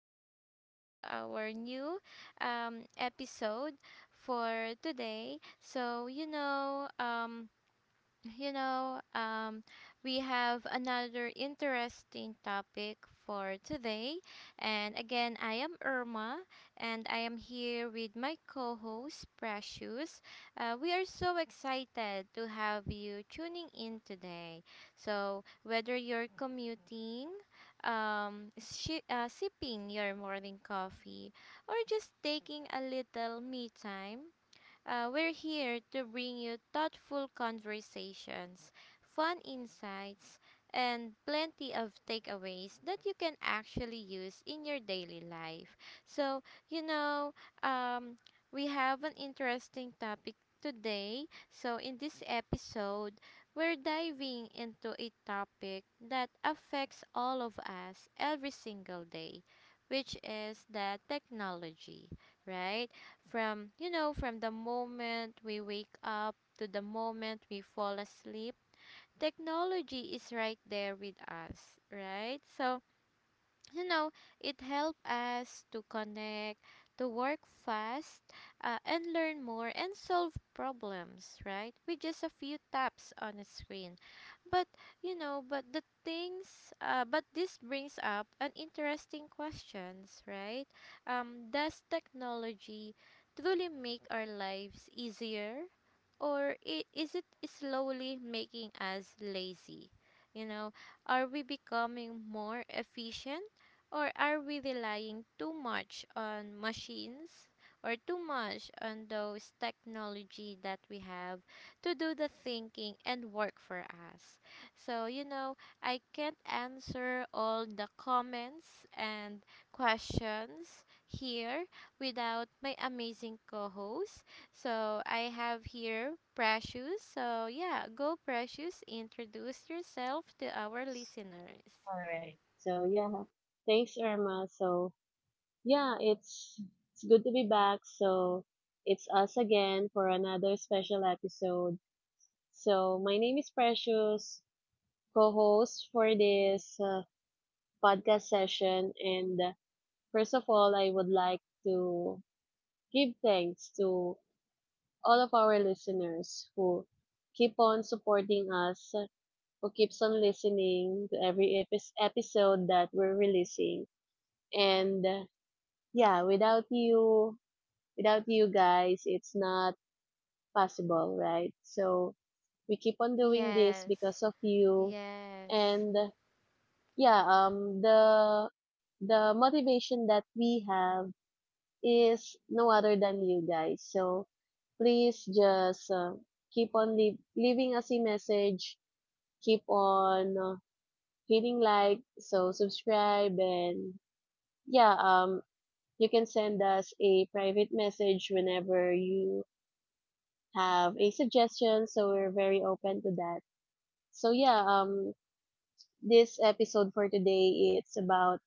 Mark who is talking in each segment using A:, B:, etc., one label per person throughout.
A: again to our new episode for today. You know, um, we have another interesting topic for today. And again, I am Irma, and I am here with my co host, Precious. We are so excited to have you tuning in today. So, whether you're commuting, shi sipping your morning coffee, or just taking a little me time, we're here to bring you thoughtful conversations, fun insights, and plenty of takeaways that you can actually use in your daily life. So, you know, um, we have an interesting topic today. So, in this episode, we're diving into a topic that affects all of us every single day, which is the technology, right? From the moment we wake up to the moment we fall asleep, technology is right there with us, right? So, you know, it helped us to connect, to work fast, and learn more and solve problems, right, with just a few taps on a screen. But you know but the things but this brings up an interesting questions, right? Does technology truly make our lives easier, or is it slowly making us lazy? You know, are we becoming more efficient, or are we relying too much on machines, or too much on those technology that we have to do the thinking and work for us? So, you know, I can't answer all the comments and questions here without my amazing co host. So, I have here Precious. So, yeah, go Precious, introduce yourself to our listeners.
B: All right. Thanks Irma. Yeah, it's it's good to be back. So it's us again for another special episode. So my name is Precious, co-host for this podcast session. And first of all, I would like to give thanks to all of our listeners who keep on supporting us, who keeps on listening to every episode that we're releasing and yeah without you without you guys it's not possible, right? So we keep on doing this
A: Yes.
B: because of you.
A: Yes.
B: And uh, yeah um the the motivation that we have is no other than you guys, so please just keep on leaving us a message, keep on hitting like, so subscribe, and yeah um you can send us a private message whenever you have a suggestion. So we're very open to that. So yeah, um, this episode for today it's about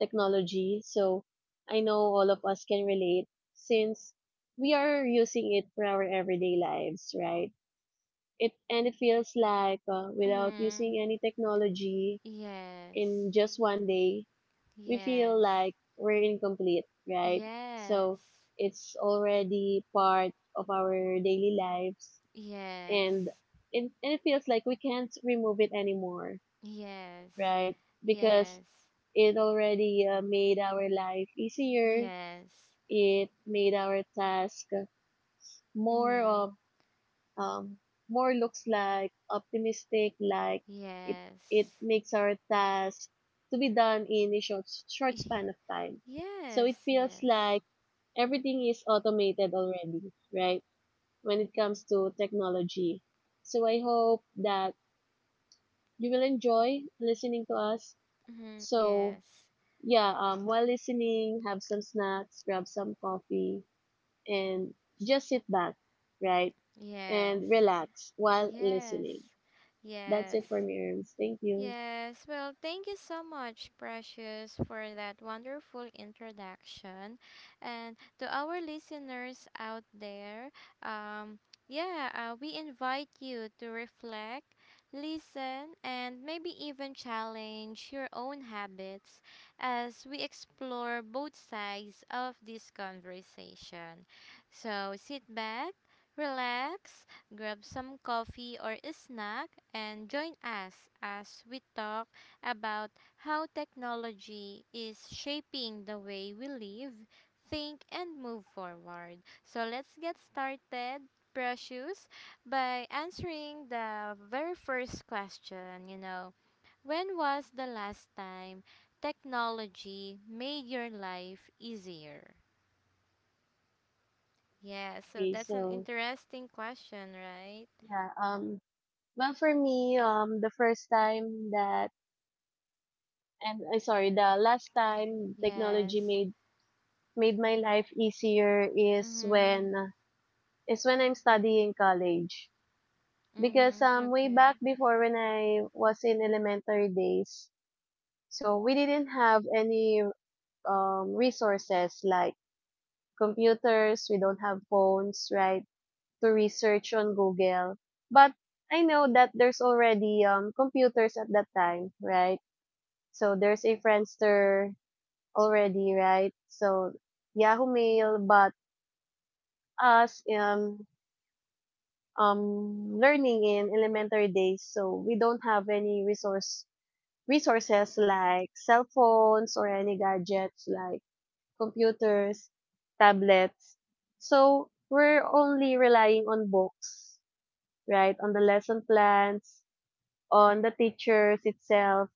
B: technology. So I know all of us can relate since we are using it for our everyday lives, right? It and it feels like without
A: Mm-hmm.
B: using any technology
A: Yes.
B: in just 1 day, we feel
A: Yes.
B: like we're incomplete, right? So
A: Yes.
B: it's already part of our daily lives, and
A: Yes.
B: it feels like we can't remove it anymore,
A: Yes.
B: right? Because
A: Yes.
B: it already made our life easier.
A: Yes.
B: It made our task more
A: Mm-hmm.
B: of, um, more looks like optimistic, like it, it
A: Yes.
B: makes our task to be done in a short
A: Y-
B: span of time. So it
A: Yes.
B: feels
A: Yes.
B: like everything is automated already, right? When it comes to technology. So I hope that you will enjoy listening to us.
A: Mhm.
B: So
A: Yes.
B: yeah, while listening, have some snacks, grab some coffee, and just sit back, right?
A: Yes.
B: And relax while
A: Yes.
B: listening. That's
A: Yes.
B: it for me, Erms. Thank you.
A: Yes, well, thank you so much, Precious, for that wonderful introduction. And to our listeners out there, um, yeah, we invite you to reflect, listen, and maybe even challenge your own habits as we explore both sides of this conversation. So sit back, relax, grab some coffee or a snack, and join us as we talk about how technology is shaping the way we live, think, and move forward. So let's get started, Precious, by answering the very first question, you know. When was the last time technology made your life easier? Yeah, so
B: Okay,
A: that's an interesting question, right?
B: yeah, um, for me, the first time that and sorry, the last time technology
A: Yes.
B: made my life easier
A: Mhm.
B: is when I'm studying college. Because
A: Mhm.
B: way
A: Okay.
B: back before when I was in elementary days, so we didn't have any resources like computers, we don't have phones, right? To research on Google. But I know that there's already computers at that time, right? So there's a Friendster already, right? So Yahoo Mail, but us learning in elementary days. So we don't have any resources like cell phones or any gadgets like computers, tablets. So we're only relying on books, right? On the lesson plans, on the teachers itself.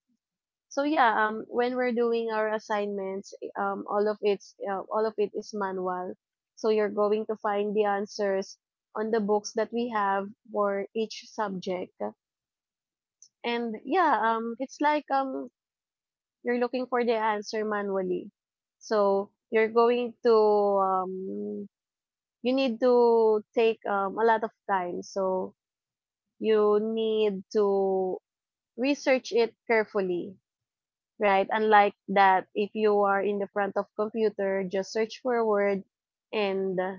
B: When we're doing our assignments, all of it is manual. So you're going to find the answers on the books that we have for each subject. It's like you're looking for the answer manually. So you're going to um, you need to take a lot of time. So you need to research it carefully, right? Unlike that, if you are in the front of computer, just search for a word, and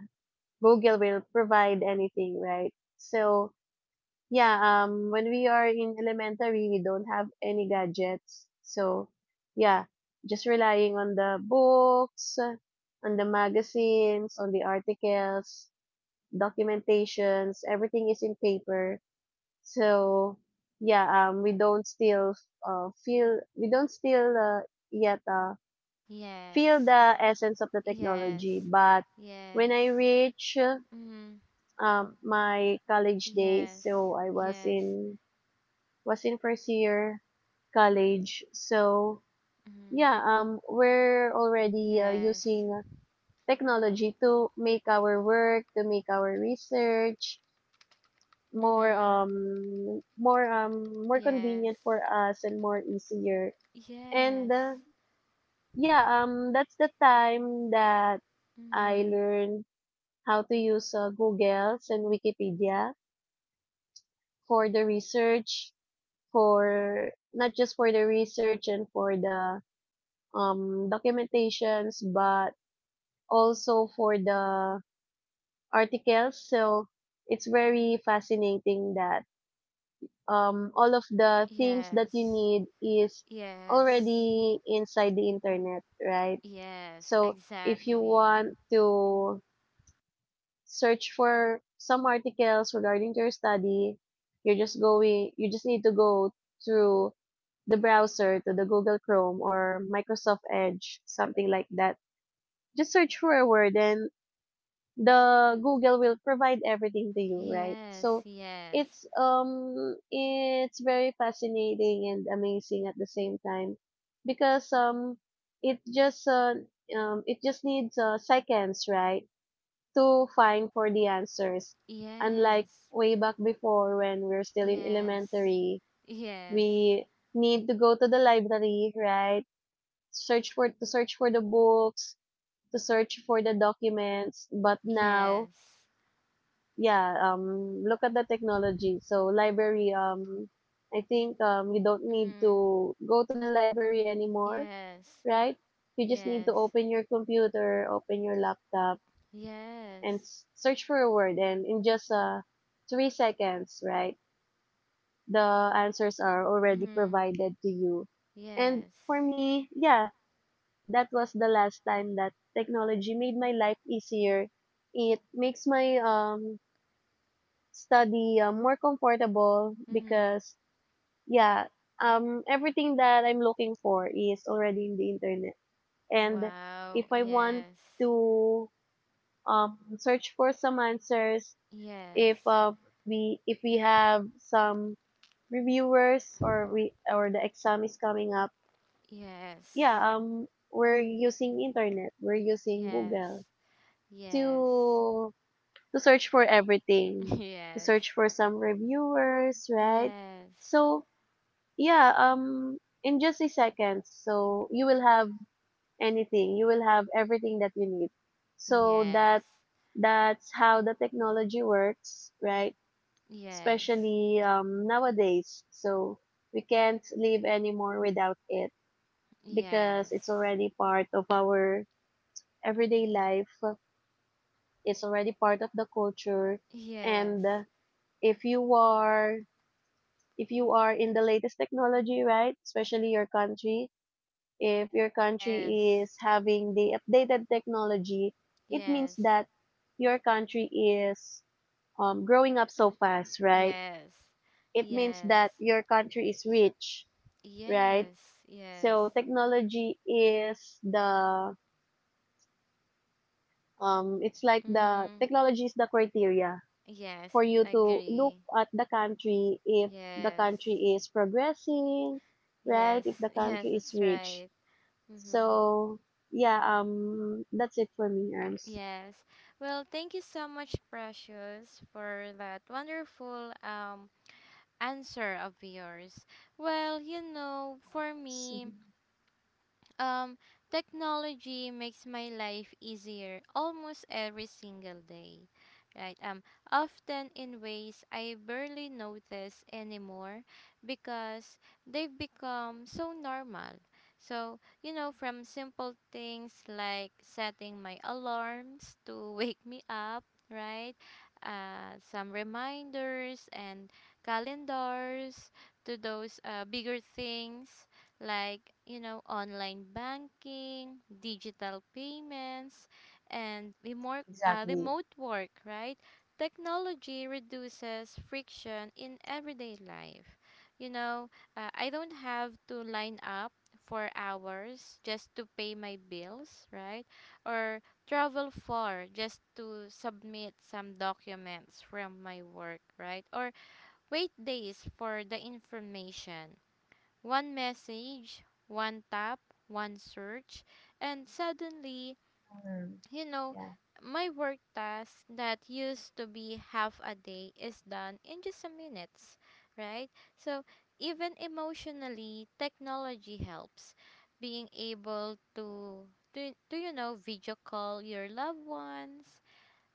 B: Google will provide anything, right? So yeah, when we are in elementary, we don't have any gadgets. Yeah, just relying on the books, on the magazines, on the articles, documentations, everything is in paper. So yeah, um, we don't still we don't still yet feel
A: Yes.
B: the essence of the
A: Yes.
B: technology. But when
A: Yes.
B: I reach
A: Mhm.
B: my college days,
A: Yes.
B: so I
A: Yes.
B: was in first year college.
A: Mhm.
B: We're already
A: Yes.
B: using technology to make our work, to make our research more
A: Mhm.
B: more more
A: Yes.
B: convenient for us and more easier. And
A: Yes.
B: uh, yeah, that's the time that I
A: Mhm.
B: learned how to use Google's and Wikipedia for the research, for not just for the research and for the documentations, but also for the articles. So it's very fascinating that all of the things that you
A: Yes.
B: need is
A: Yes.
B: already inside the internet, right?
A: Yes.
B: So if you
A: Exactly.
B: want to search for some articles regarding to your study. You just need to go through the browser to the Google Chrome or Microsoft Edge, something like that. Just search for a word and the Google will provide everything to you, right?
A: Yes.
B: So
A: Yes.
B: it's very fascinating and amazing at the same time because it just uh, it just needs seconds, right? Too fine for the answers. Unlike
A: Yes.
B: way back before when we're still in
A: Yes.
B: elementary,
A: Yes.
B: we need to go to the library, right? Search for the books, to search for the documents. But now,
A: Yes.
B: yeah, look at the technology. So library, I think you don't need
A: Mhm.
B: to go to the library anymore,
A: Yes.
B: right? You just need to
A: Yes.
B: open your computer, open your laptop and
A: Yes.
B: search for a word and in just 3 seconds, right? The answers are already
A: Mhm.
B: provided to you, and
A: Yes.
B: for me, that was the last time that technology made my life easier. It makes my study more comfortable
A: Mhm.
B: because yeah everything that I'm looking for is already in the internet, and
A: Wow.
B: if I want
A: Yes.
B: to search for some answers, if
A: Yes.
B: we if we have some reviewers, or we or the exam is coming up, yeah um we're using internet, we're using
A: Yes.
B: Google
A: Yes.
B: to search for everything, to
A: Yes.
B: search for some reviewers, right?
A: Yes.
B: so yeah um in just a second, so you will have anything, you will have everything that you need. so
A: Yes.
B: that that's how the technology works, right?
A: Yes.
B: Especially nowadays. So we can't live anymore without it because it's
A: Yes.
B: already part of our everyday life. It's already part of the culture.
A: Yes.
B: And if you are if you are in the latest technology, right? Especially your country, if your
A: Yes.
B: country
A: Yes.
B: is having the updated technology, it means
A: Yes.
B: that your country is growing up so fast, right?
A: Yes.
B: It means that
A: Yes.
B: your country is rich, right?
A: Yes. Yes.
B: So technology is the it's like the
A: Mhm.
B: technology is the criteria for
A: Yes,
B: you to look
A: agree.
B: at the country if the
A: Yes.
B: country is progressing, right?
A: Yes,
B: If the
A: yes,
B: country is
A: that's
B: rich.
A: right. Mm-hmm.
B: So yeah, that's it for me, Arms.
A: Yes. Well, thank you so much, Precious, for that wonderful answer of yours. Well, you know, for me,
B: Mhm.
A: Um, technology makes my life easier almost every single day, right? Often in ways I barely notice anymore because they've become so normal. So, you know, from simple things like setting my alarms to wake me up, right? Some reminders and calendars to those bigger things like, you know, online banking, digital payments, and
B: Exactly.
A: remote work, right? Technology reduces friction in everyday life. You know, I don't have to line up for hours just to pay my bills, right, or travel far just to submit some documents from my work, right, or wait days for the information. One message, one tap, one search, and suddenly, you know, my work task that used to be half a day is done in just a minutes, right? So even emotionally, technology helps. Being able to you know video call your loved ones,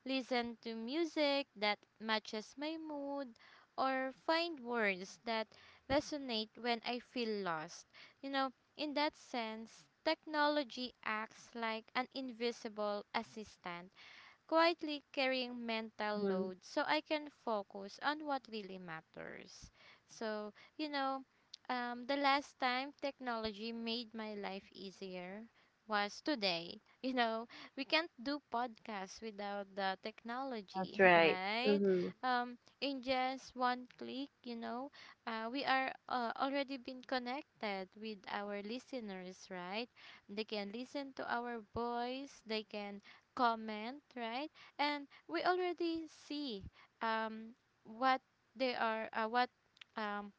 A: listen to music that matches my mood, or find words that resonate when I feel lost. You know, in that sense, technology acts like an invisible assistant quietly carrying mental
B: Mm-hmm.
A: load so I can focus on what really matters. So, you know, the last time technology made my life easier was today. You know, we can't do podcasts without the
B: That's
A: technology,
B: right.
A: right?
B: Mm-hmm.
A: In just one click, you know, we are already been connected with our listeners, right? They can listen to our voice, they can comment, right? And we already see um, what they are, um,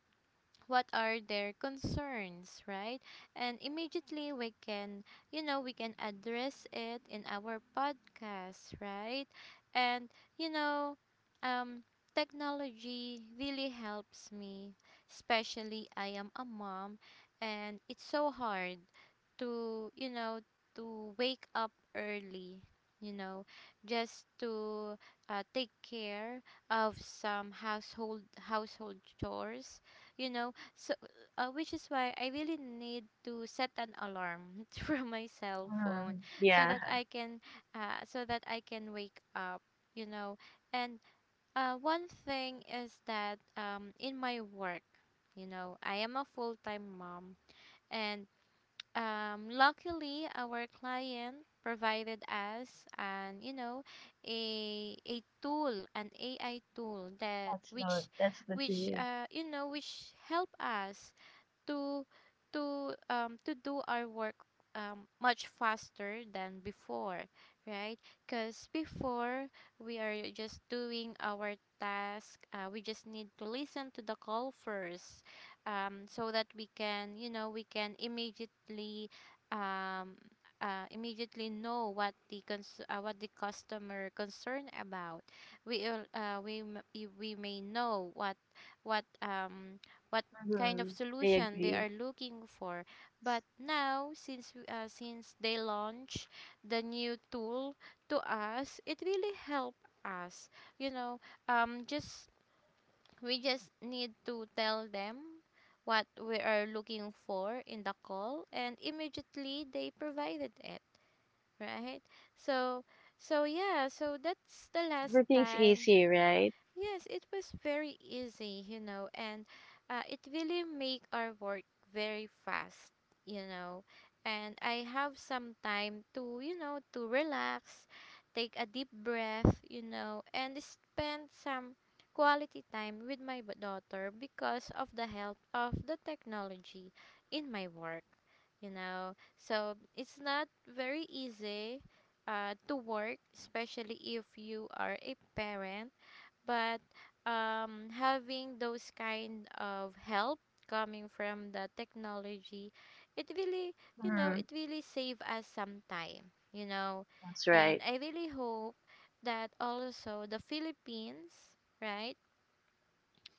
A: what are their concerns, right? And immediately we can, you know, we can address it in our podcast, right? And you know, um technology really helps me, especially I am a mom. And it's so hard to, you know, to wake up early, you know, just to take care of some household chores, you know. So, which is why I really need to set an alarm from my cell phone
B: Mhm.
A: so
B: Yeah.
A: that I can, wake up, you know. And one thing is that in my work, you know, I am a full time mom. And luckily our client provided us an, you know, a tool, an AI tool that
B: That's
A: which,
B: good. That's good to hear.
A: you know, which help us to do our work much faster than before, right? Because before, we are just doing our task. We just need to listen to the call first, so that we can, you know, we can immediately um immediately know what the what the customer concerned about. We we may know what what um what kind of
B: Mm-hmm. I
A: solution they are
B: agree.
A: looking for. But now, since since they launch the new tool to us, it really help us. You know, just we just need to tell them what we are looking for in the call, and immediately they provided it. Right? So, so yeah. So that's the last
B: Everything's
A: time.
B: easy, right?
A: Yes, it was very easy, you know. And it really make our work very fast, you know. And I have some time to, you know, to relax, take a deep breath, you know, and spend some quality time with my daughter because of the help of the technology in my work, you know. So it's not very easy to work, especially if you are a parent. But having those kind of help coming from the technology, it really, you know,
B: Mhm.
A: it really save us some time, you know.
B: That's
A: And
B: right.
A: I really hope that also the Philippines, right,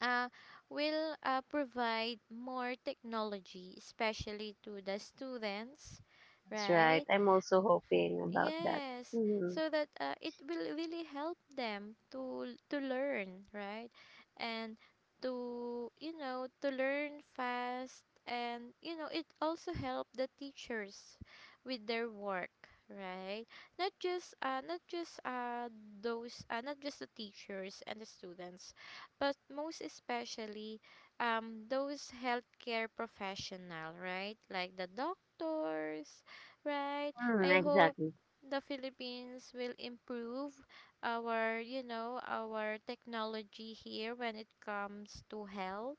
A: uh, will provide more technology, especially to the students,
B: That's right.
A: right?
B: I'm also hoping about that.
A: Yes,
B: Mm-hmm.
A: so that it will really help them to learn, right? And to, you know, to learn fast. And you know it also help the teachers with their work, right? Not just not just those not just the teachers and the students, but most especially those healthcare professional, right? Like the doctors, right?
B: Mm,
A: I hope
B: exactly.
A: the Philippines will improve our, you know, our technology here when it comes to health,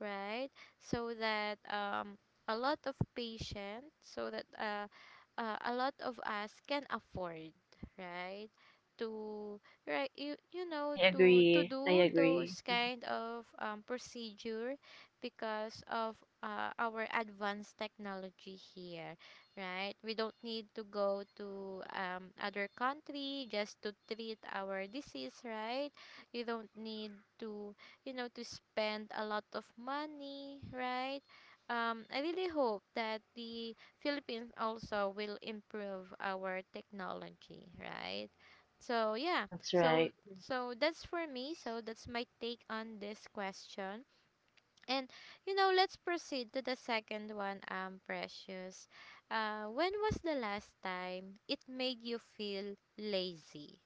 A: right? So that a lot of patients, so that a lot of us can afford, right? To right, you know,
B: I
A: to
B: agree. I
A: do
B: agree.
A: those kind of procedure because of our advanced technology here, right? We don't need to go to other country just to treat our disease, right? You don't need to, you know, to spend a lot of money, right? I really hope that the Philippines also will improve our technology, right? So yeah.
B: That's
A: So
B: right.
A: so that's for me, so that's my take on this question. And you know let's proceed to the second one, Precious. When was the last time it made you feel lazy?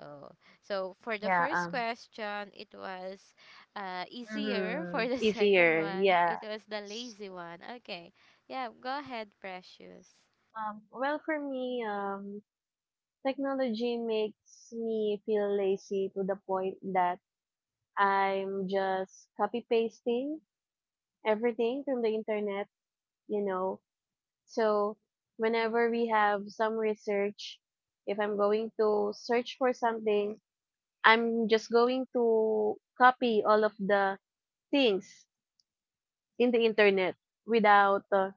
A: Oh, so for the
B: Yeah.
A: first question, it was easier.
B: Mm-hmm.
A: For the second
B: Easier.
A: one,
B: Yeah.
A: it was the lazy one. Okay. Yeah, go ahead, Precious.
B: Well, for me, technology makes me feel lazy to the point that I'm just copy pasting everything from the internet. You know, so whenever we have some research, if I'm going to search for something, I'm just going to copy all of the things in the internet without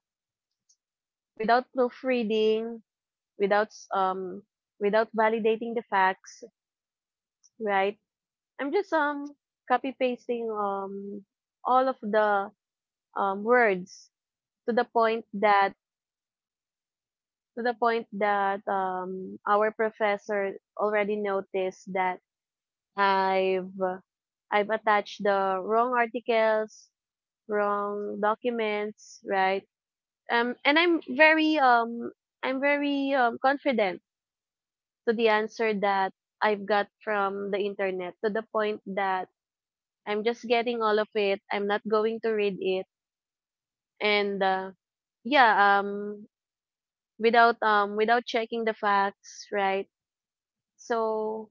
B: without proofreading, without without validating the facts, right? I'm just copy pasting all of the words to the point that our professor already noticed that I've I've attached the wrong articles, wrong documents, right? And I'm very confident to the answer that I've got from the internet to the point that I'm just getting all of it. I'm not going to read it, and uh, yeah, um, without without checking the facts, right? So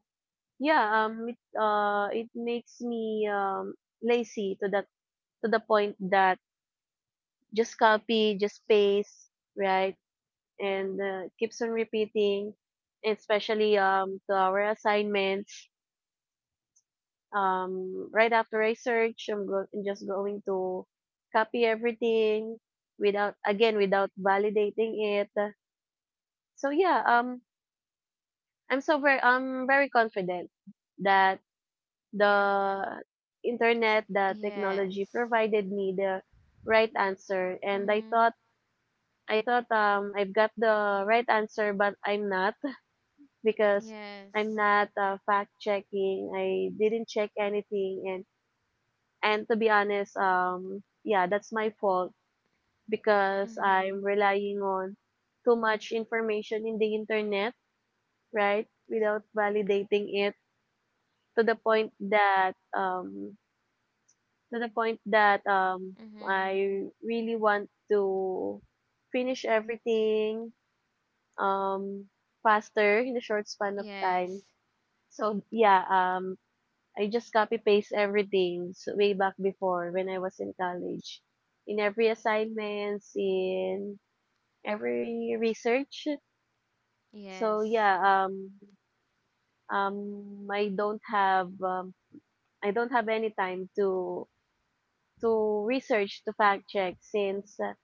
B: yeah, it makes me lazy to that to the point that just copy, just paste, right? And keeps on repeating, especially to our assignments. Right after I search, I'm just going to copy everything without again without validating it. So yeah, um, I'm very confident that the internet, the technology
A: Yes.
B: provided me the right answer, and
A: Mhm.
B: I thought, I've got the right answer, but I'm not, because I'm
A: Yes.
B: not fact checking. I didn't check anything, and to be honest, that's my fault because
A: Mhm.
B: I'm relying on too much information in the internet, right? Without validating it to the point that
A: Mhm.
B: I really want to finish everything, um, faster in a short span of time.
A: Yes.
B: So yeah, um, I just copy paste everything way back before when I was in college, in every assignments, in every research. So
A: Yes.
B: yeah, um, um, I don't have um, I don't have any time to research to fact check since uh,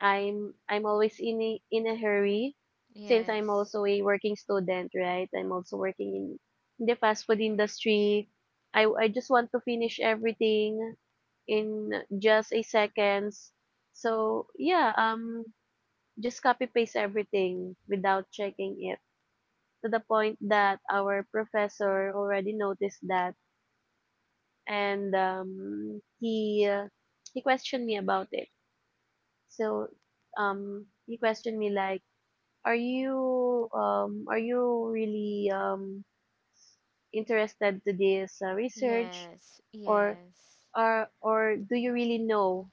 B: I'm I'm always in a hurry since I'm
A: Yes.
B: also a working student, right? I'm also working in the fast food industry. I just want to finish everything in just a seconds. So yeah, um, just copy paste everything without checking it to the point that our professor already noticed that, and he questioned me about it. So he questioned me like, are you are you really interested to this research,
A: Yes.
B: or
A: Yes.
B: are or do you really know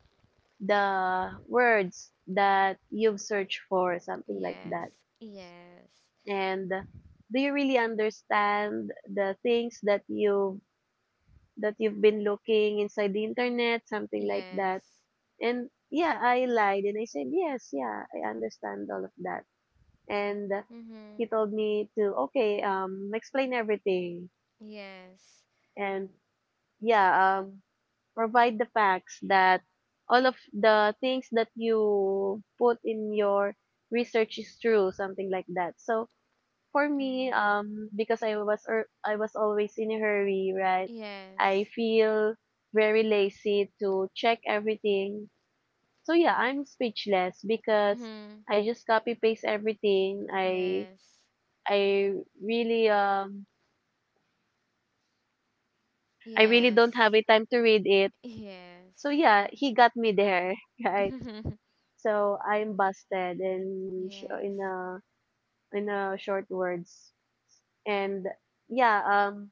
B: the words that you've searched for, something like that?
A: Yes. Yes.
B: And do you really understand the things that you've been looking inside the internet something like that?
A: Yes.
B: And yeah, I lied and I said yes, yeah, I understand all of that and
A: Mhm.
B: he told me to okay explain everything
A: Yes.
B: and yeah, provide the facts that all of the things that you put in your research is true something like that. So for me,
A: Mhm.
B: because I was always in a hurry, right? I
A: Yes.
B: feel very lazy to check everything. So yeah, I'm speechless because
A: Mhm.
B: I just copy paste everything. i
A: Yes.
B: I really I really don't have
A: Yes.
B: a time to read it. So
A: Yes.
B: yeah, he got me there, right? So I'm busted in sh-
A: yes.
B: in a in a short words. And yeah, um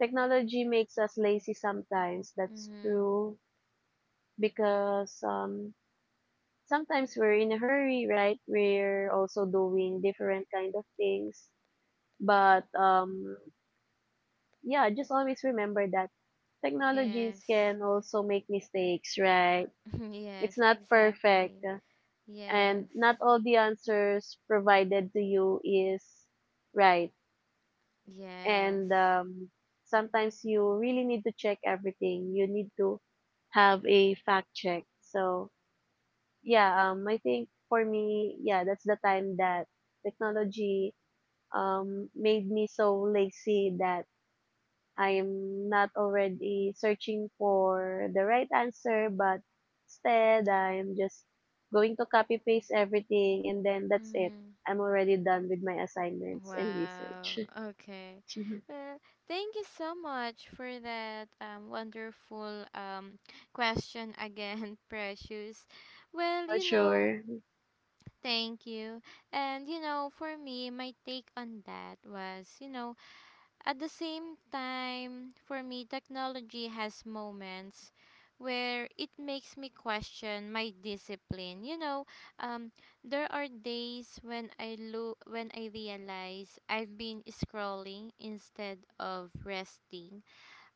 B: technology makes us lazy sometimes. That's
A: Mhm.
B: true because sometimes we're in a hurry, right? We're also doing different kind of things, but yeah, just always remember that technologies
A: Yes.
B: can also make mistakes, right?
A: yes,
B: It's not perfect,
A: exactly.
B: and
A: Yes.
B: not all the answers provided to you is right. And
A: Yes.
B: sometimes you really need to check everything. You need to have a fact check. So yeah, I think for me, yeah, that's the time that technology made me so lazy that I'm not already searching for the right answer, but instead I'm just going to copy paste everything and then that's it.
A: Mhm.
B: I'm already done with my assignments and research.
A: Wow. Okay. Well, thank you so much for that wonderful question again, Precious. Well,
B: For
A: you know,
B: sure.
A: thank you. And, you know, for me, my take on that was, you know, at the same time, for me, technology has moments where it makes me question my discipline. You know, um, there are days when I look when I realize I've been scrolling instead of resting,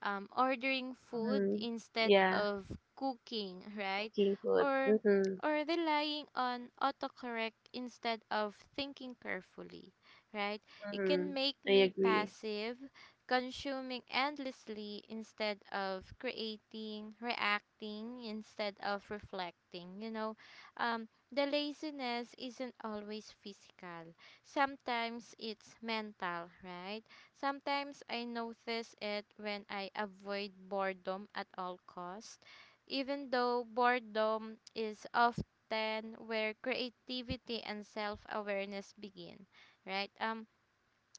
A: ordering food
B: Hmm.
A: instead
B: Yeah,
A: of cooking, right?
B: cooking food.
A: Or
B: Mm-hmm.
A: or relying on autocorrect instead of thinking carefully, right? It
B: Mm-hmm.
A: can make
B: I
A: me
B: agree.
A: passive, consuming endlessly instead of creating, reacting instead of reflecting. You know, the laziness isn't always physical. Sometimes it's mental, right? Sometimes I notice it when I avoid boredom at all costs, even though boredom is often where creativity and self-awareness begin, right?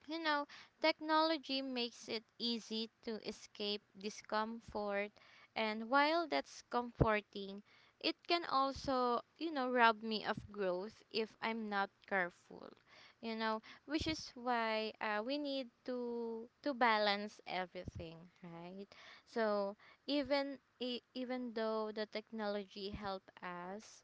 A: You know, technology makes it easy to escape discomfort, and while that's comforting, it can also, you know, rob me of growth if I'm not careful. You know, which is why we need to balance everything, right? So even even though the technology help us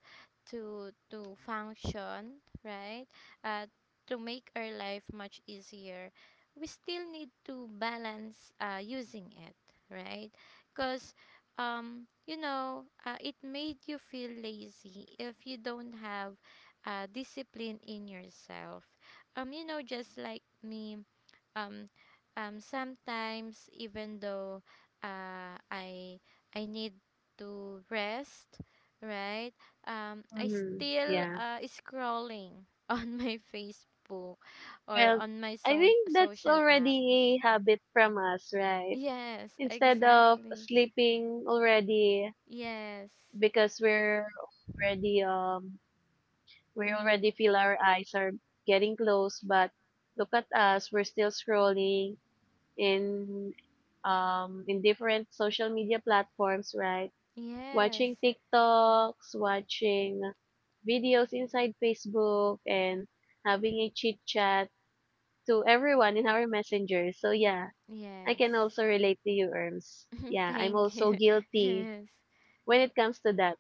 A: to function, right? Uh, to make our life much easier, we still need to balance using it, right? Because, you know, it made you feel lazy if you don't have discipline in yourself. You know, just like me, um, sometimes even though uh, I I need to rest, right? I
B: Mm-hmm.
A: still
B: Yeah.
A: scrolling on my Facebook or
B: Well,
A: on my
B: I think that's
A: social app.
B: already a habit from us, right?
A: Yes,
B: Instead of
A: exactly.
B: sleeping already,
A: Yes.
B: because we're already we already
A: Mm.
B: feel our eyes are getting close, but look at us, we're still scrolling in in different social media platforms, right? Watching
A: Yes.
B: TikToks, watching videos inside Facebook, and having a chit chat to everyone in our Messenger. So yeah, I can
A: Yes.
B: also relate to you, Erms. Yeah, I'm
A: Thank
B: also
A: you.
B: guilty
A: Yes.
B: when it comes to that.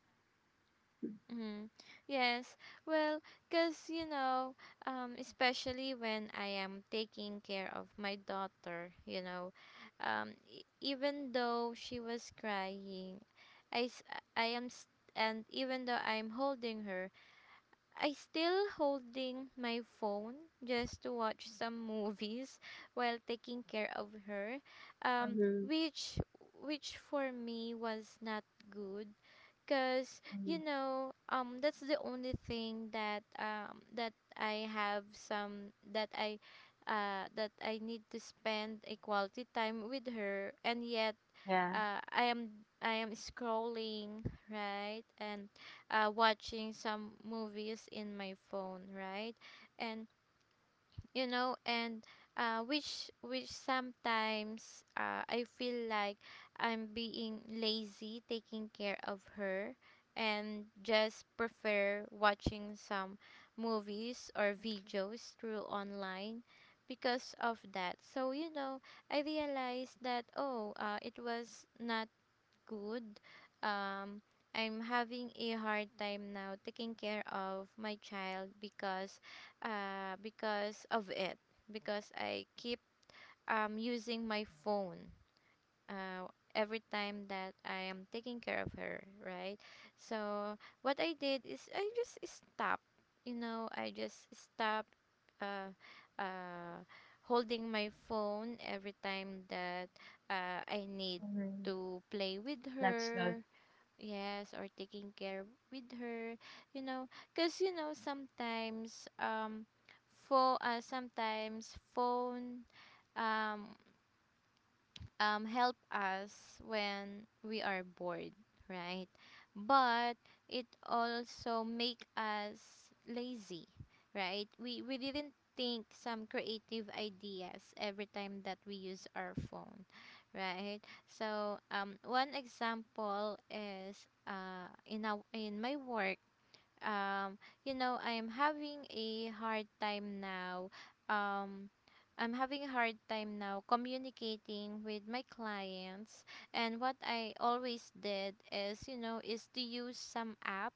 A: Mm-hmm. Yes. Well, cuz you know, especially when I am taking care of my daughter, you know, even though she was crying, I s- I am s and even though I'm holding her, I still holding my phone just to watch some movies while taking care of her. Um
B: Mhm.
A: which which for me was not good because you
B: Mm.
A: know that's the only thing that that I have some that I need to spend a quality time with her, and yet
B: Yeah.
A: uh I am I am scrolling, right, and watching some movies in my phone, right, and you know and which sometimes I feel like I'm being lazy taking care of her and just prefer watching some movies or videos through online because of that. So you know, I realized that, oh, it was not good. Um, I'm having a hard time now taking care of my child because of it. Because I keep using my phone. Uh, every time that I am taking care of her, right? So what I did is I just stopped. You know, I just stopped. Uh, uh, holding my phone every time that I need
B: Mhm.
A: to play with
B: That's good.
A: her. Yes, or taking care with her, you know, because you know sometimes for sometimes phone um help us when we are bored, right? But it also make us lazy, right? We didn't think some creative ideas every time that we use our phone, right? So one example is in in my work um you know, I'm having a hard time now, um I'm having a hard time now communicating with my clients, and what I always did is you know is to use some app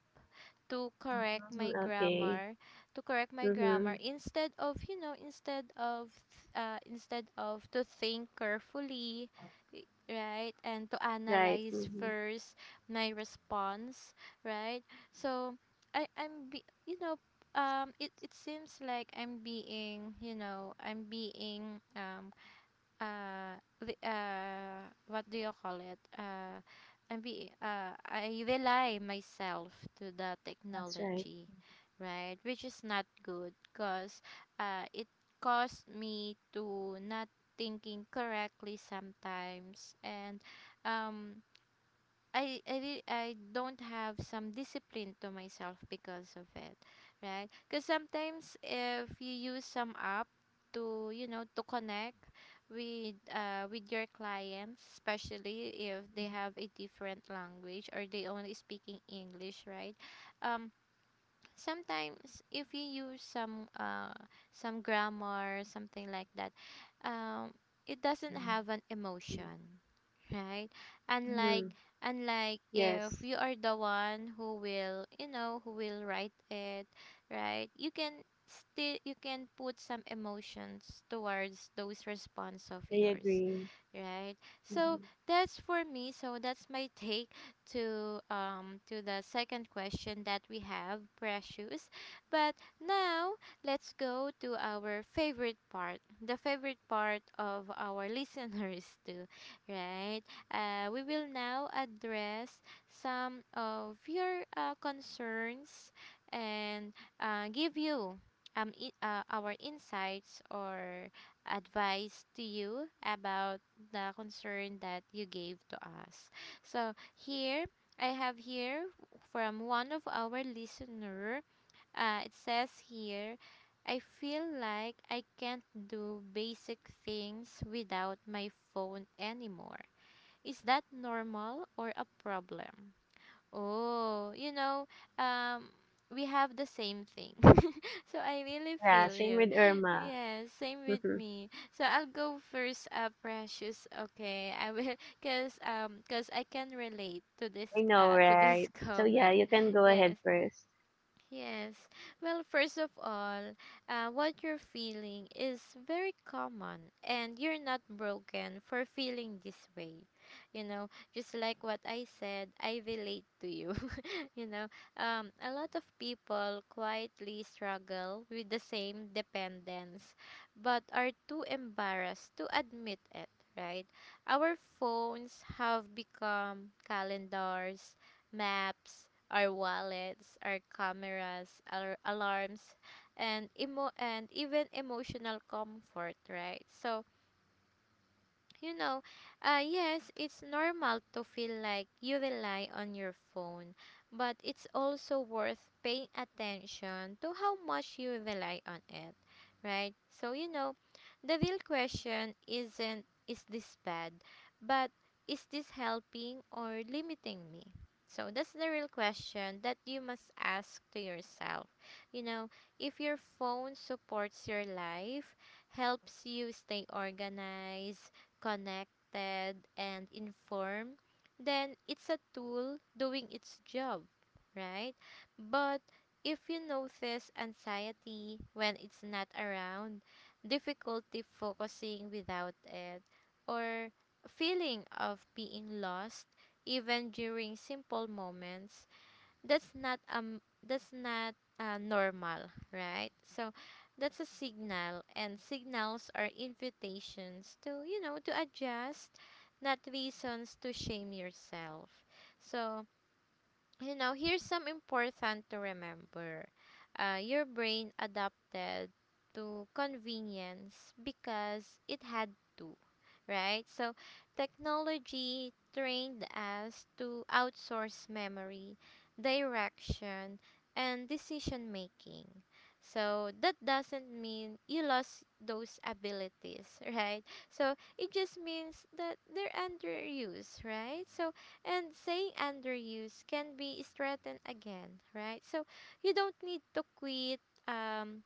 A: to correct my
B: Mhm. Okay.
A: grammar, to correct my grammar
B: Mm-hmm.
A: instead of you know instead of to think carefully i- right and to
B: Right.
A: analyze
B: Mm-hmm.
A: first my response, right? So you know, it seems like I'm being you know I'm being the what do you call it, I rely myself to the
B: That's right.
A: technology, right, which is not good because it caused me to not thinking correctly sometimes, and um I don't have some discipline to myself because of it, right? Because sometimes if you use some app to you know to connect with your clients, especially if they have a different language or they only speaking English, right? Um, sometimes if you use some grammar something like that, um, it doesn't
B: Mhm.
A: have an emotion, right? And like,
B: Mm-hmm.
A: and like if
B: Yes,
A: you are the one who will you know who will write it, right, you can still you can put some emotions towards those response of
B: I
A: yours,
B: agree.
A: right? So
B: Mm-hmm.
A: that's for me, so that's my take to the second question that we have, Precious. But now, let's go to our favorite part, the favorite part of our listeners too, right? We will now address some of your concerns and give you our insights or advice to you about the concern that you gave to us. So here I have here from one of our listener. It says here. I feel like I can't do basic things without my phone anymore. Is that normal or a problem? Oh, you know, um, we have the same thing. So I really
B: Yeah,
A: feel
B: same
A: you.
B: with Irma.
A: Yes, same with
B: Mm-hmm.
A: me. So I'll go first, Precious. Okay, I will, cause cause I can relate
B: I know,
A: to
B: right?
A: this
B: So yeah,
A: comment.
B: you can go ahead
A: Yes.
B: first.
A: Yes. Well, first of all, what you're feeling is very common, and you're not broken for feeling this way. You know, just like what I said, I relate to you. You know, a lot of people quietly struggle with the same dependence, but are too embarrassed to admit it. Right? Our phones have become calendars, maps, our wallets, our cameras, our alarms, and emo and even emotional comfort, right? So you know, yes, it's normal to feel like you rely on your phone, but it's also worth paying attention to how much you rely on it, right? So, you know, the real question isn't is this bad, but is this helping or limiting me? So, that's the real question that you must ask to yourself. You know, if your phone supports your life, helps you stay organized, connected, and informed, then it's a tool doing its job, right? But if you notice anxiety when it's not around, difficulty focusing without it, or feeling of being lost even during simple moments, that's not um that's not normal, right? So that's a signal, and signals are invitations to you know to adjust, not reasons to shame yourself. So you know, here's some important to remember. Your brain adapted to convenience because it had to, right? So, technology trained us to outsource memory, direction, and decision making. So, that doesn't mean you lost those abilities, right? So, it just means that they're underused, right? So, and saying underuse can be strengthened again, right? So you don't need to quit um,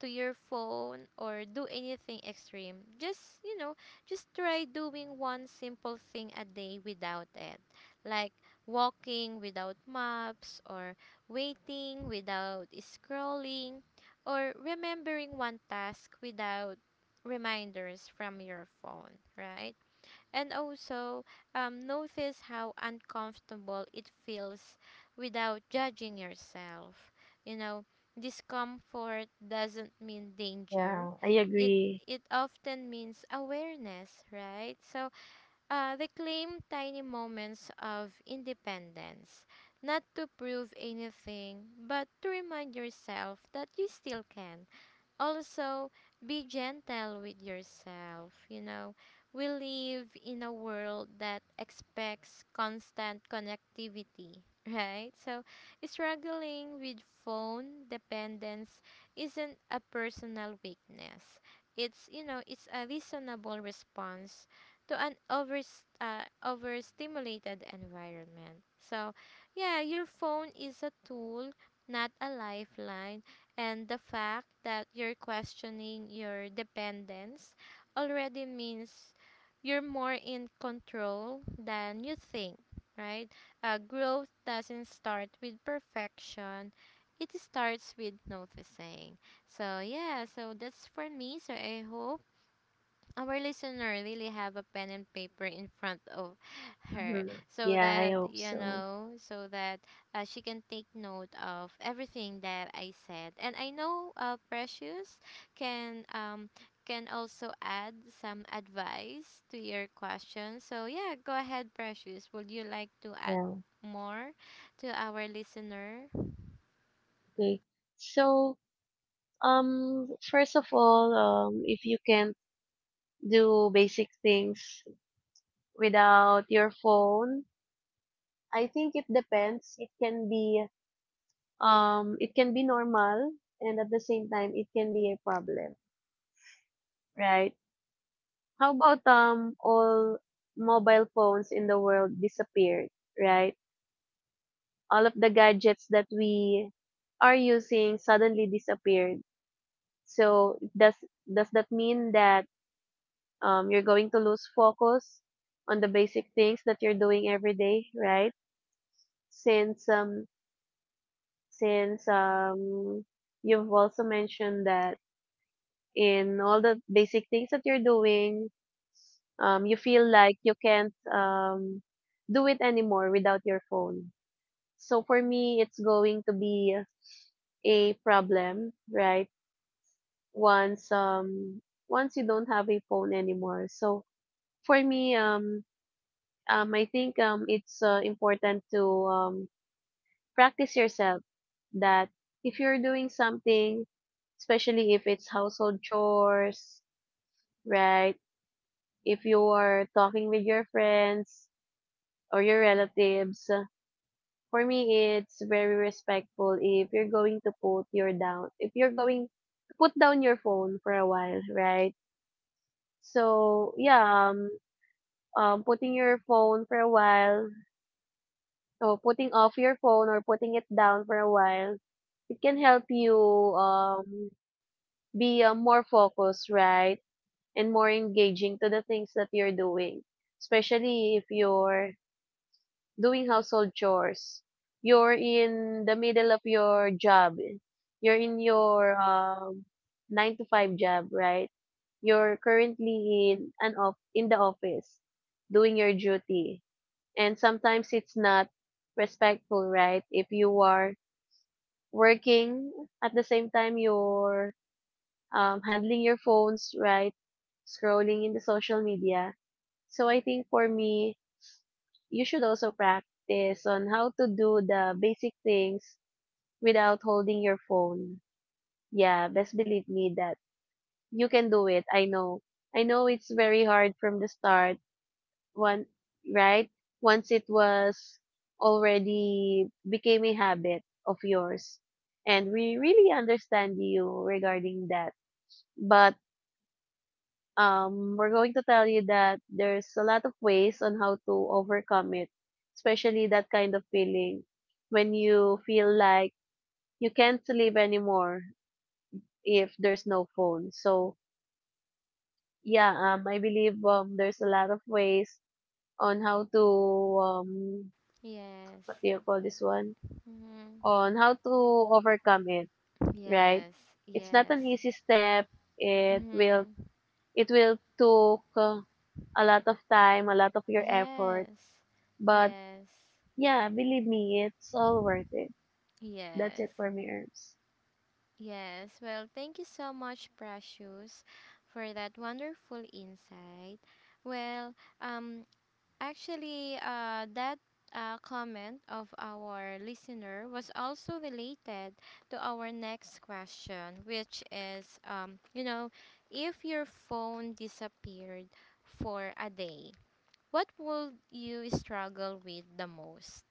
A: to your phone or do anything extreme. Just, you know, just try doing one simple thing a day without it. Like walking without maps, or waiting without scrolling, or remembering one task without reminders from your phone, right? And also notice how uncomfortable it feels without judging yourself. You know, discomfort doesn't mean danger.
B: Yeah, I
A: It
B: agree.
A: it often means awareness, right? So reclaim tiny moments of independence, not to prove anything, but to remind yourself that you still can. Also be gentle with yourself, you know, we live in a world that expects constant connectivity, right? So struggling with phone dependence isn't a personal weakness, it's you know it's a reasonable response to an over overstimulated environment. So yeah, your phone is a tool, not a lifeline, and the fact that you're questioning your dependence already means you're more in control than you think, right? Growth doesn't start with perfection, it starts with noticing. So, yeah, so that's for me. So, I hope our listener really have a pen and paper in front of her,
B: Mm-hmm.
A: so
B: Yeah, I
A: that
B: hope
A: you
B: so.
A: know so that she can take note of everything that I said. And I know Precious can um can also add some advice to your question. So yeah, go ahead Precious, would you like to add
B: Yeah.
A: more to our listener?
B: Okay. So, first of all, if you can do basic things without your phone, I think it depends. It can be normal, and at the same time, it can be a problem, right? How about all mobile phones in the world disappeared, right? All of the gadgets that we are using suddenly disappeared. So, does that mean that you're going to lose focus on the basic things that you're doing every day, right? Since um since you've also mentioned that in all the basic things that you're doing, you feel like you can't do it anymore without your phone. So for me, it's going to be a problem, right? Once um once you don't have a phone anymore. So for me, I think it's important to, practice yourself that if you're doing something, especially if it's household chores, right? If you are talking with your friends or your relatives, for me, it's very respectful if you're going to put your down, if you're going to put down your phone for a while, right? So yeah, putting your phone for a while So, putting off your phone or putting it down for a while, it can help you um, be more focused, right? And more engaging to the things that you're doing. Especially if you're doing household chores. You're in the middle of your job. You're in your nine to five job, right? You're currently in the office doing your duty, and sometimes it's not respectful, right? If you are working at the same time you're handling your phones, right? Scrolling in the social media. So I think for me, you should also practice on how to do the basic things without holding your phone. Yeah, best believe me that you can do it. I know, I know it's very hard from the start. One Right? Once it was already became a habit of yours. And we really understand you regarding that. But we're going to tell you that there's a lot of ways on how to overcome it, especially that kind of feeling when you feel like you can't sleep anymore if there's no phone. So yeah, I believe there's a lot of ways on how to um
A: Yes.
B: what do you call this one?
A: Mm-hmm.
B: On how to overcome it, right?
A: Yes.
B: It's not
A: Yes.
B: an easy step. It will
A: Mm-hmm.
B: it will took a lot of time, a lot of your effort,
A: Yes,
B: but
A: yes,
B: yeah, believe me, it's all worth it. That's
A: yes,
B: it for me, Herbs.
A: yes. Well, thank you so much, Precious, for that wonderful insight. Well, um, actually, that comment of our listener was also related to our next question, which is, you know, if your phone disappeared for a day, what would you struggle with the most?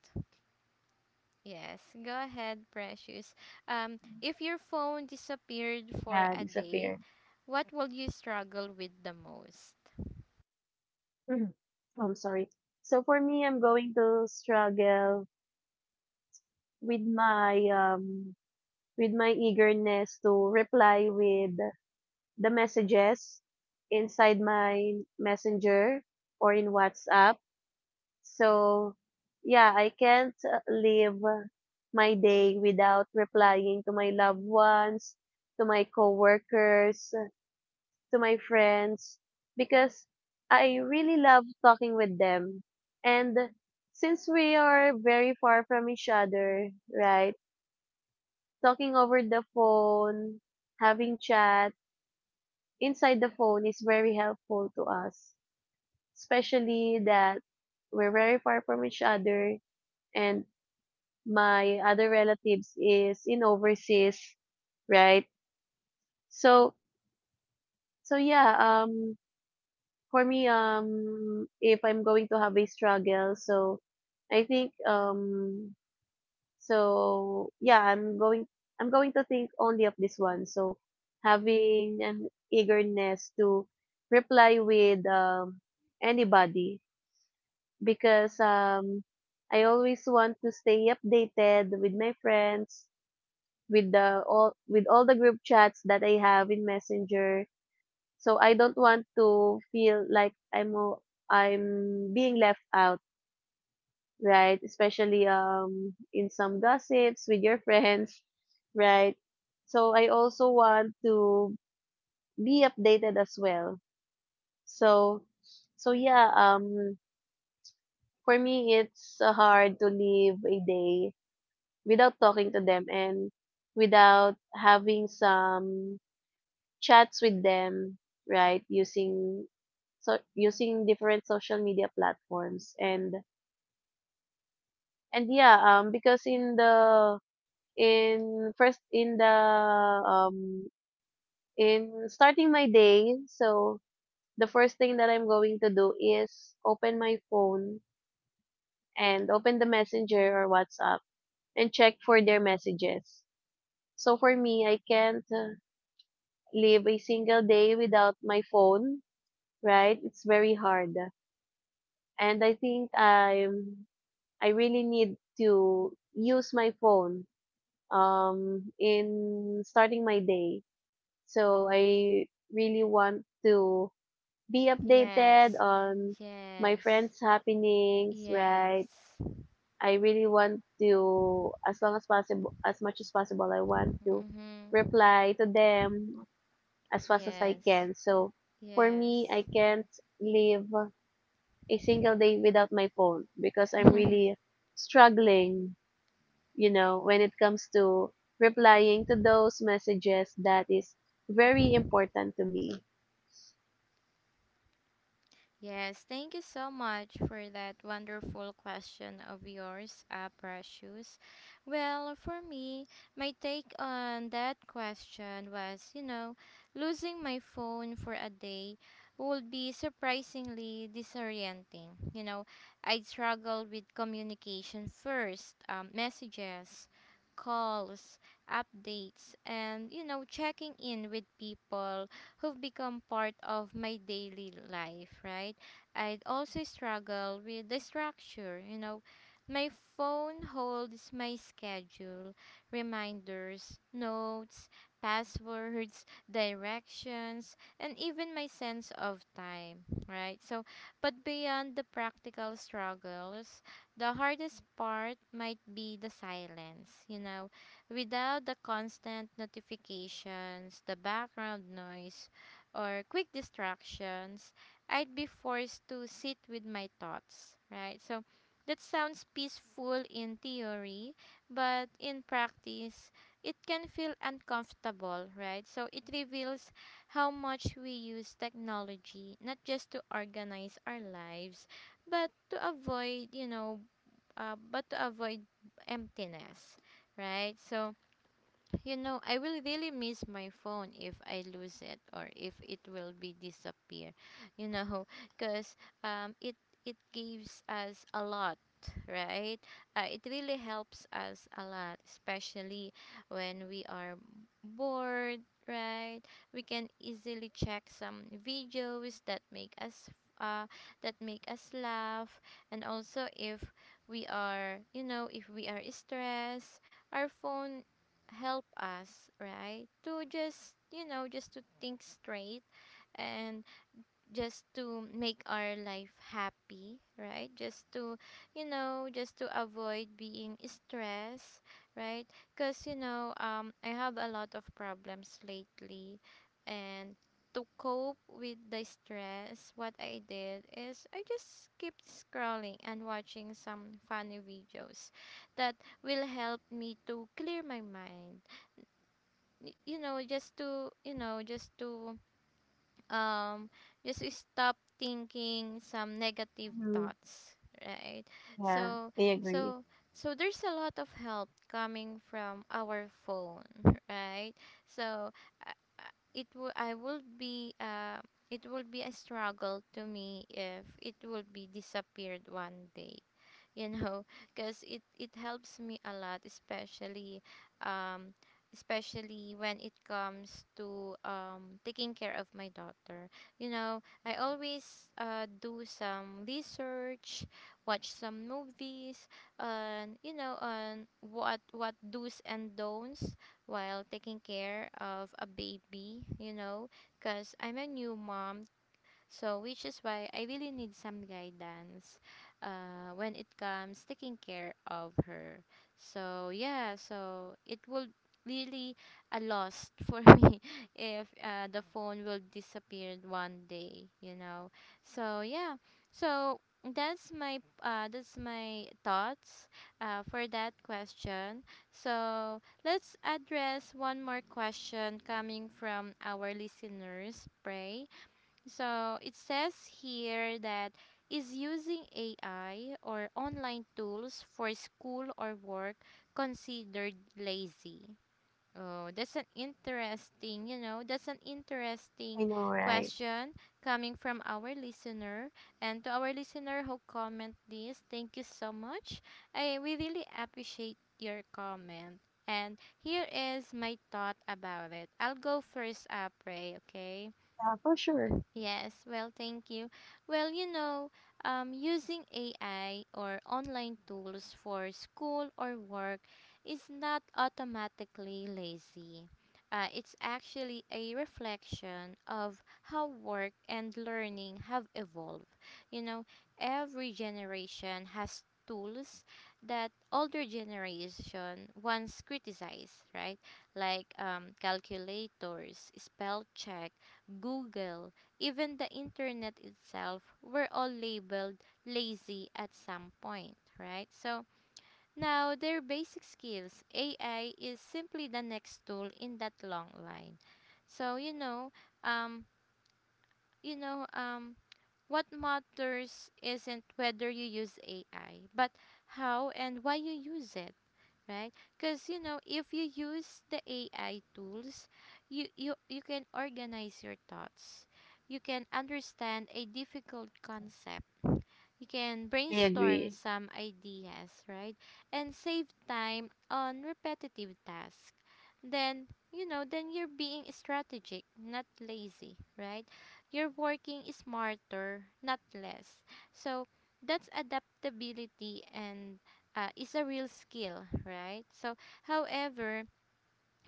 A: Yes, go ahead, Precious. If your phone disappeared for
B: Yeah,
A: a day,
B: disappear.
A: what will you struggle with the most?
B: Mhm. I'm sorry. So for me, I'm going to struggle with my um with my eagerness to reply with the messages inside my Messenger or in WhatsApp. So, yeah, I can't live my day without replying to my loved ones, to my coworkers, to my friends, because I really love talking with them. And since we are very far from each other, right? Talking over the phone, having chat inside the phone is very helpful to us, especially that we're very far from each other and my other relatives is in overseas, right? So so yeah, um for me if I'm going to have a struggle, so I think so yeah, I'm going to think only of this one. So having an eagerness to reply with anybody because I always want to stay updated with my friends with the all with all the group chats that I have in Messenger. So I don't want to feel like I'm being left out, right? Especially in some gossips with your friends, right? So I also want to be updated as well. So so yeah, for me it's hard to live a day without talking to them and without having some chats with them, right? Using, so using different social media platforms. And yeah, because in first in the um in starting my day, so the first thing that I'm going to do is open my phone and open the Messenger or WhatsApp and check for their messages. So for me, I can't live a single day without my phone, right? It's very hard. And I think I'm I really need to use my phone in starting my day. So I really want to be updated
A: Yes,
B: on my
A: yes,
B: friends' happenings, right?
A: yes,
B: I really want to, as long as possible, as much as possible, I want to
A: mm-hmm.
B: reply to them as fast as I
A: Yes,
B: can. So for me,
A: yes.
B: I can't live a single day without my phone because I'm really struggling, you know, when it comes to replying to those messages that is very important to me.
A: Yes, thank you so much for that wonderful question of yours, Precious. Well, for me, my take on that question was you know, losing my phone for a day would be surprisingly disorienting. You know, I'd struggle with communication first, messages, calls, updates, and, you know, checking in with people who've become part of my daily life, right? I'd also struggle with the structure, you know. My phone holds my schedule, reminders, notes, passwords, directions, and even my sense of time, right? So, but beyond the practical struggles, the hardest part might be the silence, you know, without the constant notifications, the background noise, or quick distractions, I'd be forced to sit with my thoughts, right? So that sounds peaceful in theory, but in practice, it can feel uncomfortable, right? So it reveals how much we use technology, not just to organize our lives, but to avoid, you know, but to avoid emptiness, right? So you know, I will really miss my phone if I lose it or if it will be disappear. You know, because it it gives us a lot, right? It really helps us a lot, especially when we are bored, right? We can easily check some videos uh, that make us laugh, and also if we are, if we are stressed our phone help us, right? To just, just to think straight and just to make our life happy, right? Just to, just to avoid being stressed, right? Because, I have a lot of problems lately and to cope with the stress what I did is I just keep scrolling and watching some funny videos that will help me to clear my mind y- you know just to you know um just to stop thinking some negative
B: Mhm.
A: thoughts, right.
B: Yeah,
A: so
B: I agree.
A: so so there's a lot of help coming from our phone right. So uh, it will I will be it will be a struggle to me if it will be disappeared one day, you know, because it helps me a lot, especially um especially when it comes to taking care of my daughter. You know, I always do some research, watch some movies, and you know on what do's and don'ts while taking care of a baby, you know, because I'm a new mom. So, which is why I really need some guidance when it comes taking care of her. So, yeah, so it will really a loss for me if the phone will disappear one day, So, yeah. So, that's my thoughts for that question. So, let's address one more question coming from our listeners, Pray. So it says here that is using AI or online tools for school or work considered lazy? Oh, that's an interesting, you know, that's an
B: I
A: interesting
B: know, right?
A: question coming from our listener. And to our listener who comment this, thank you so much. I we really appreciate your comment. And here is my thought about it. I'll go first, Apre, okay?
B: Yeah, for sure.
A: Yes, well, thank you. Well, using AI or online tools for school or work is not automatically lazy. It's actually a reflection of how work and learning have evolved. You know, every generation has tools that older generation once criticized, right? Like calculators, spell check, Google, even the internet itself, we're all labeled lazy at some point, right? So now their basic skills, AI is simply the next tool in that long line. So um, you know, um, what matters isn't whether you use AI, but how and why you use it, right? Because you know, if you use the AI tools, you can organize your thoughts. You can understand a difficult concept, you can
B: I
A: brainstorm
B: agree.
A: some ideas, right? And save time on repetitive tasks. Then, you know, then you're being strategic, not lazy, right? You're working smarter, not less. So, that's adaptability and is a real skill, right? So, however,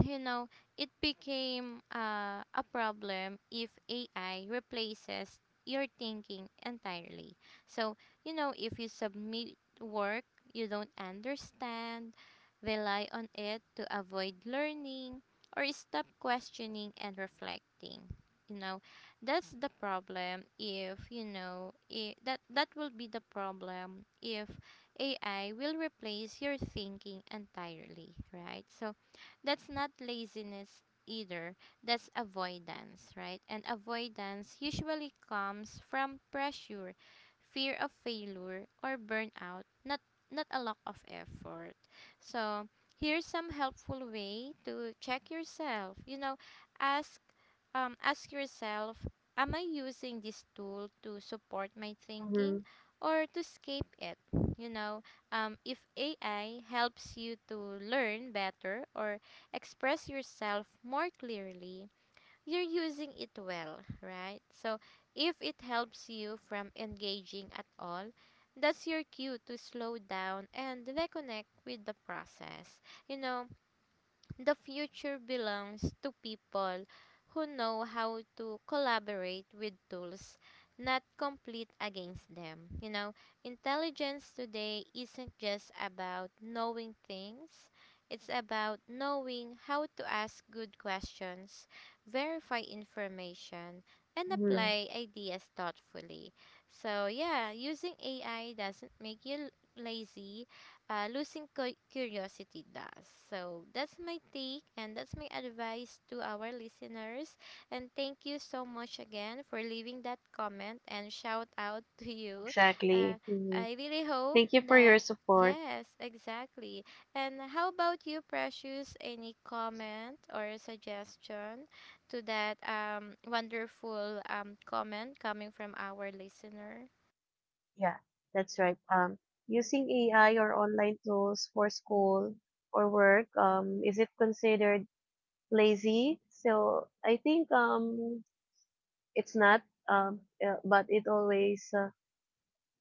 A: you know, it became a problem if AI replaces your thinking entirely. So, you know, if you submit work you don't understand, rely on it to avoid learning, or stop questioning and reflecting. You know, that's the problem if, that will be the problem if AI will replace your thinking entirely, right? So, that's not laziness either, that's avoidance, right? And avoidance usually comes from pressure, fear of failure, or burnout, not a lack of effort. So, here's some helpful way to check yourself. You know, ask ask yourself, am I using this tool to support my
B: Mm-hmm.
A: thinking or to escape it? You know, if AI helps you to learn better or express yourself more clearly, you're using it well, right? So if it helps you from engaging at all, that's your cue to slow down and reconnect with the process. You know, the future belongs to people who know how to collaborate with tools, not compete against them. You know, intelligence today isn't just about knowing things, it's about knowing how to ask good questions, verify information, and
B: Mm-hmm.
A: apply ideas thoughtfully. So, yeah, using AI doesn't make you lazy, losing curiosity does. So that's my take and that's my advice to our listeners. And thank you so much again for leaving that comment and shout out to you. Uh,
B: Exactly. Mhm.
A: I really hope
B: Thank you for your
A: that.
B: support.
A: Yes, exactly. And how about you, Precious? Any comment or suggestion to that wonderful comment coming from our listener?
B: Yeah, that's right. Using AI or online tools for school or work, is it considered lazy? So I think it's not. But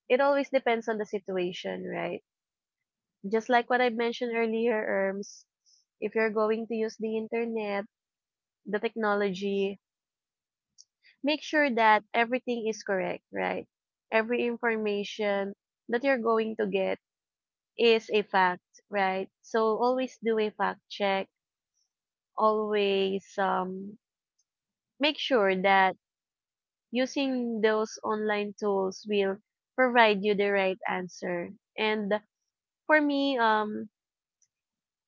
B: it always depends on the situation, right? Just like what I mentioned earlier, Erms, if you're going to use the internet, the technology, make sure that everything is correct, right? Every information that you're going to get is a fact, right? So always do a fact check. Always make sure that using those online tools will provide you the right answer. And for me,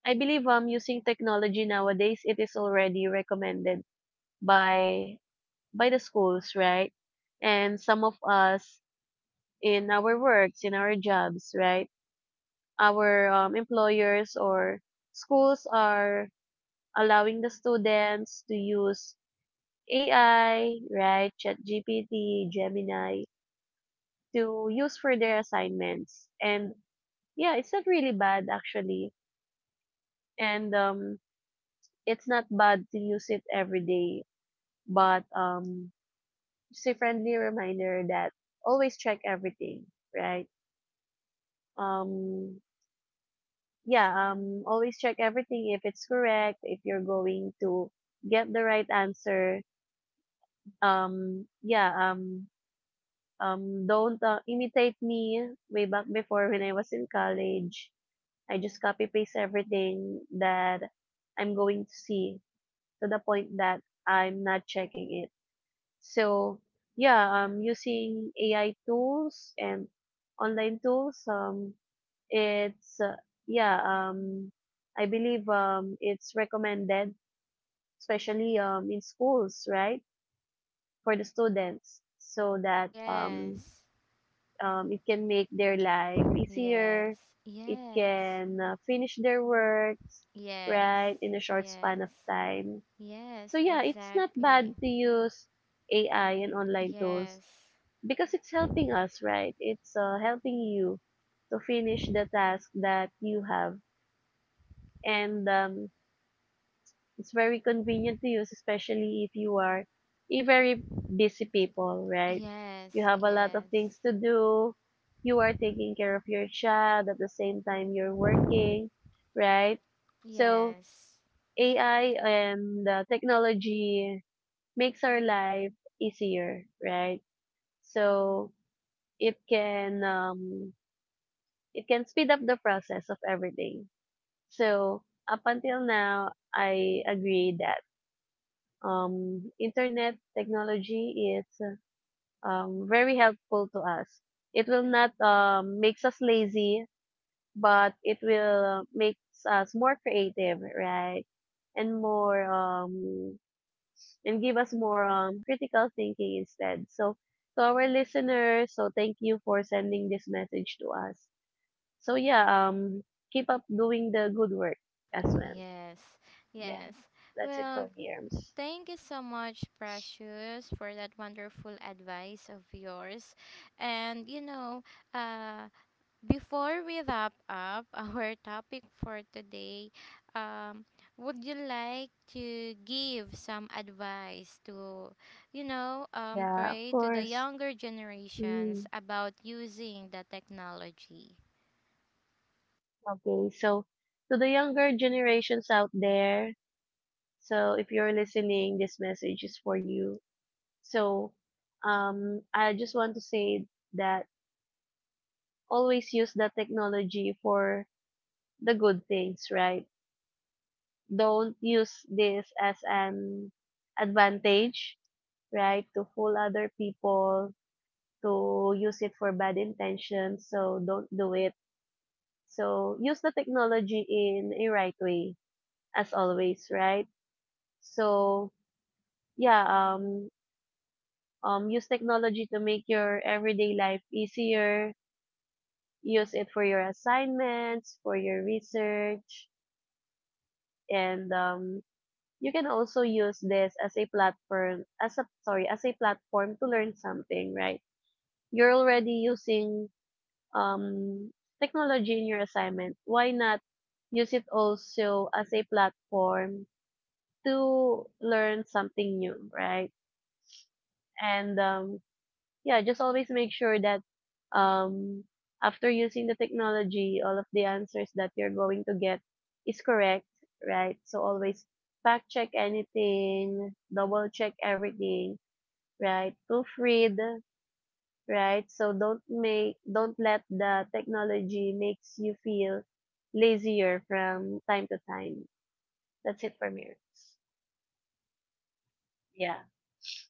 B: I believe using technology nowadays it is already recommended by by the schools, right? And some of us in our works, in our jobs, right? Our employers or schools are allowing the students to use AI, right, ChatGPT, Gemini to use for their assignments. And yeah, it's not really bad actually. And it's not bad to use it every day, but just a friendly reminder that always check everything, right? Um yeah, always check everything if it's correct, if you're going to get the right answer. um yeah um "Don't, imitate me" way back before when I was in college. I just copy paste everything that I'm going to see to the point that I'm not checking it. So, yeah, using AI tools and online tools, it's, uh, yeah, um, I believe, it's recommended, especially, in schools, right? For the students so that,
A: Yes.
B: it can make their life easier.
A: Yes,
B: It
A: yes.
B: can finish their works,
A: Yes,
B: right, in a short span
A: yes,
B: of time.
A: yes,
B: So yeah, it's not bad
A: exactly.
B: to use AI and online tools
A: Yes,
B: because it's helping us, right? It's helping you to finish the task that you have. And it's very convenient to use, especially if you are a very busy people, right? You
A: yes,
B: have a lot of
A: yes,
B: things to do. You are taking care of your child at the same time you're working, right? So
A: yes,
B: AI and technology makes our life easier, right? So it can um, it can speed up the process of everything. So up until now, I agree that internet technology is very helpful to us. It will not makes us lazy, but it will makes us more creative, right? And more and give us more critical thinking instead. So to our listeners, so thank you for sending this message to us. So yeah, keep up doing the good work as well.
A: yes,
B: Yeah,
A: yes.
B: that's it
A: Well,
B: for me, Erms.
A: thank you so much, Precious, for that wonderful advice of yours. And you know, uh, before we wrap up our topic for today, um, would you like to give some advice to,
B: Yeah, of
A: pray to the
B: course.
A: younger generations
B: Mm.
A: about using the technology?
B: Okay, so to the younger generations out there, so if you're listening, this message is for you. So, I just want to say that always use the technology for the good things, right? Don't use this as an advantage, right? To fool other people, to use it for bad intentions. So don't do it. So use the technology in a right way, as always, right? So yeah, um use technology to make your everyday life easier. Use it for your assignments, for your research. And you can also use this as a platform, as a platform to learn something, right? You're already using um technology in your assignment, why not use it also as a platform to learn something new, right? And yeah, just always make sure that um, after using the technology, all of the answers that you're going to get is correct, right? So always fact check anything, double check everything, right? Proofread, right? So don't make, don't let the technology makes you feel lazier from time to time. That's it for me. Yeah.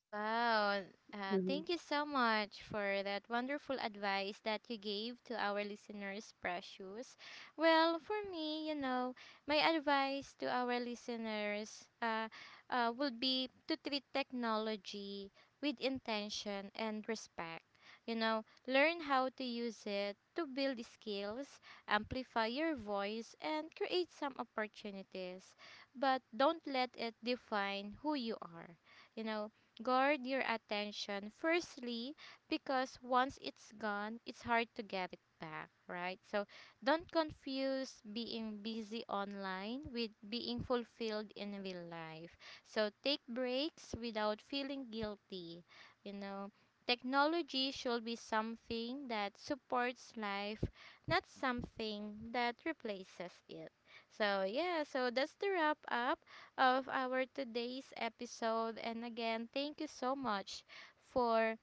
A: Wow.
B: Mhm.
A: Thank you so much for that wonderful advice that you gave to our listeners, Precious. Well, for me, you know, my advice to our listeners would be to treat technology with intention and respect. You know, learn how to use it to build skills, amplify your voice, and create some opportunities. But don't let it define who you are. You know, guard your attention firstly because once it's gone it's hard to get it back, right. So don't confuse being busy online with being fulfilled in real life, so take breaks without feeling guilty. You know, technology should be something that supports life, not something that replaces it. So yeah, so that's the wrap up of our today's episode. And again, thank you so much for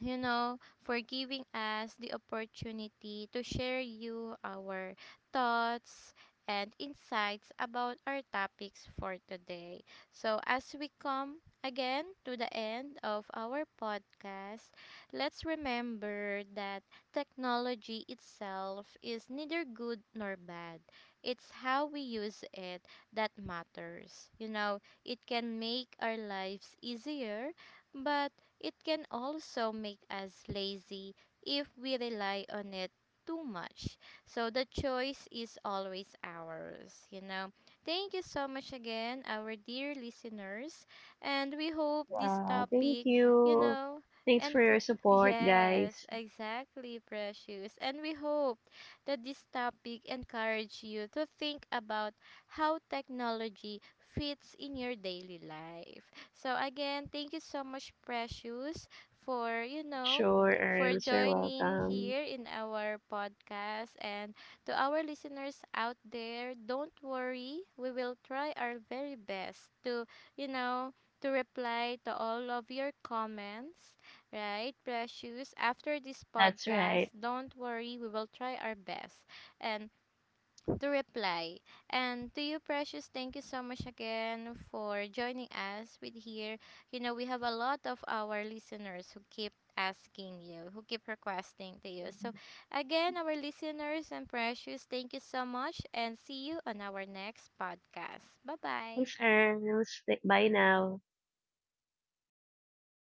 A: you know, for giving us the opportunity to share you our thoughts and insights about our topics for today. So, as we come again to the end of our podcast, let's remember that technology itself is neither good nor bad. It's how we use it that matters. You know, it can make our lives easier but it can also make us lazy if we rely on it too much. So the choice is always ours, you know. Thank you so much again, our dear listeners, and we hope this
B: Yeah, thank
A: topic, you
B: you.
A: know,
B: Thanks
A: and
B: for your support,
A: yes,
B: guys.
A: exactly, precious. And we hope that this topic encourage you to think about how technology fits in your daily life. So again, thank you so much, Precious, for you know,
B: Sure,
A: for
B: Arms. You're
A: joining
B: welcome.
A: here in our podcast. And to our listeners out there, don't worry, we will try our very best to you know to reply to all of your comments, right, Precious? After this
B: That's
A: podcast,
B: right.
A: don't worry, we will try our best. And to reply. And to you, Precious, thank you so much again for joining us with here. You know, we have a lot of our listeners who keep asking you, who keep requesting to you. So, again, our listeners and Precious, thank you so much and see you on our next podcast. Bye bye.
B: Thanks, Arms. Bye now.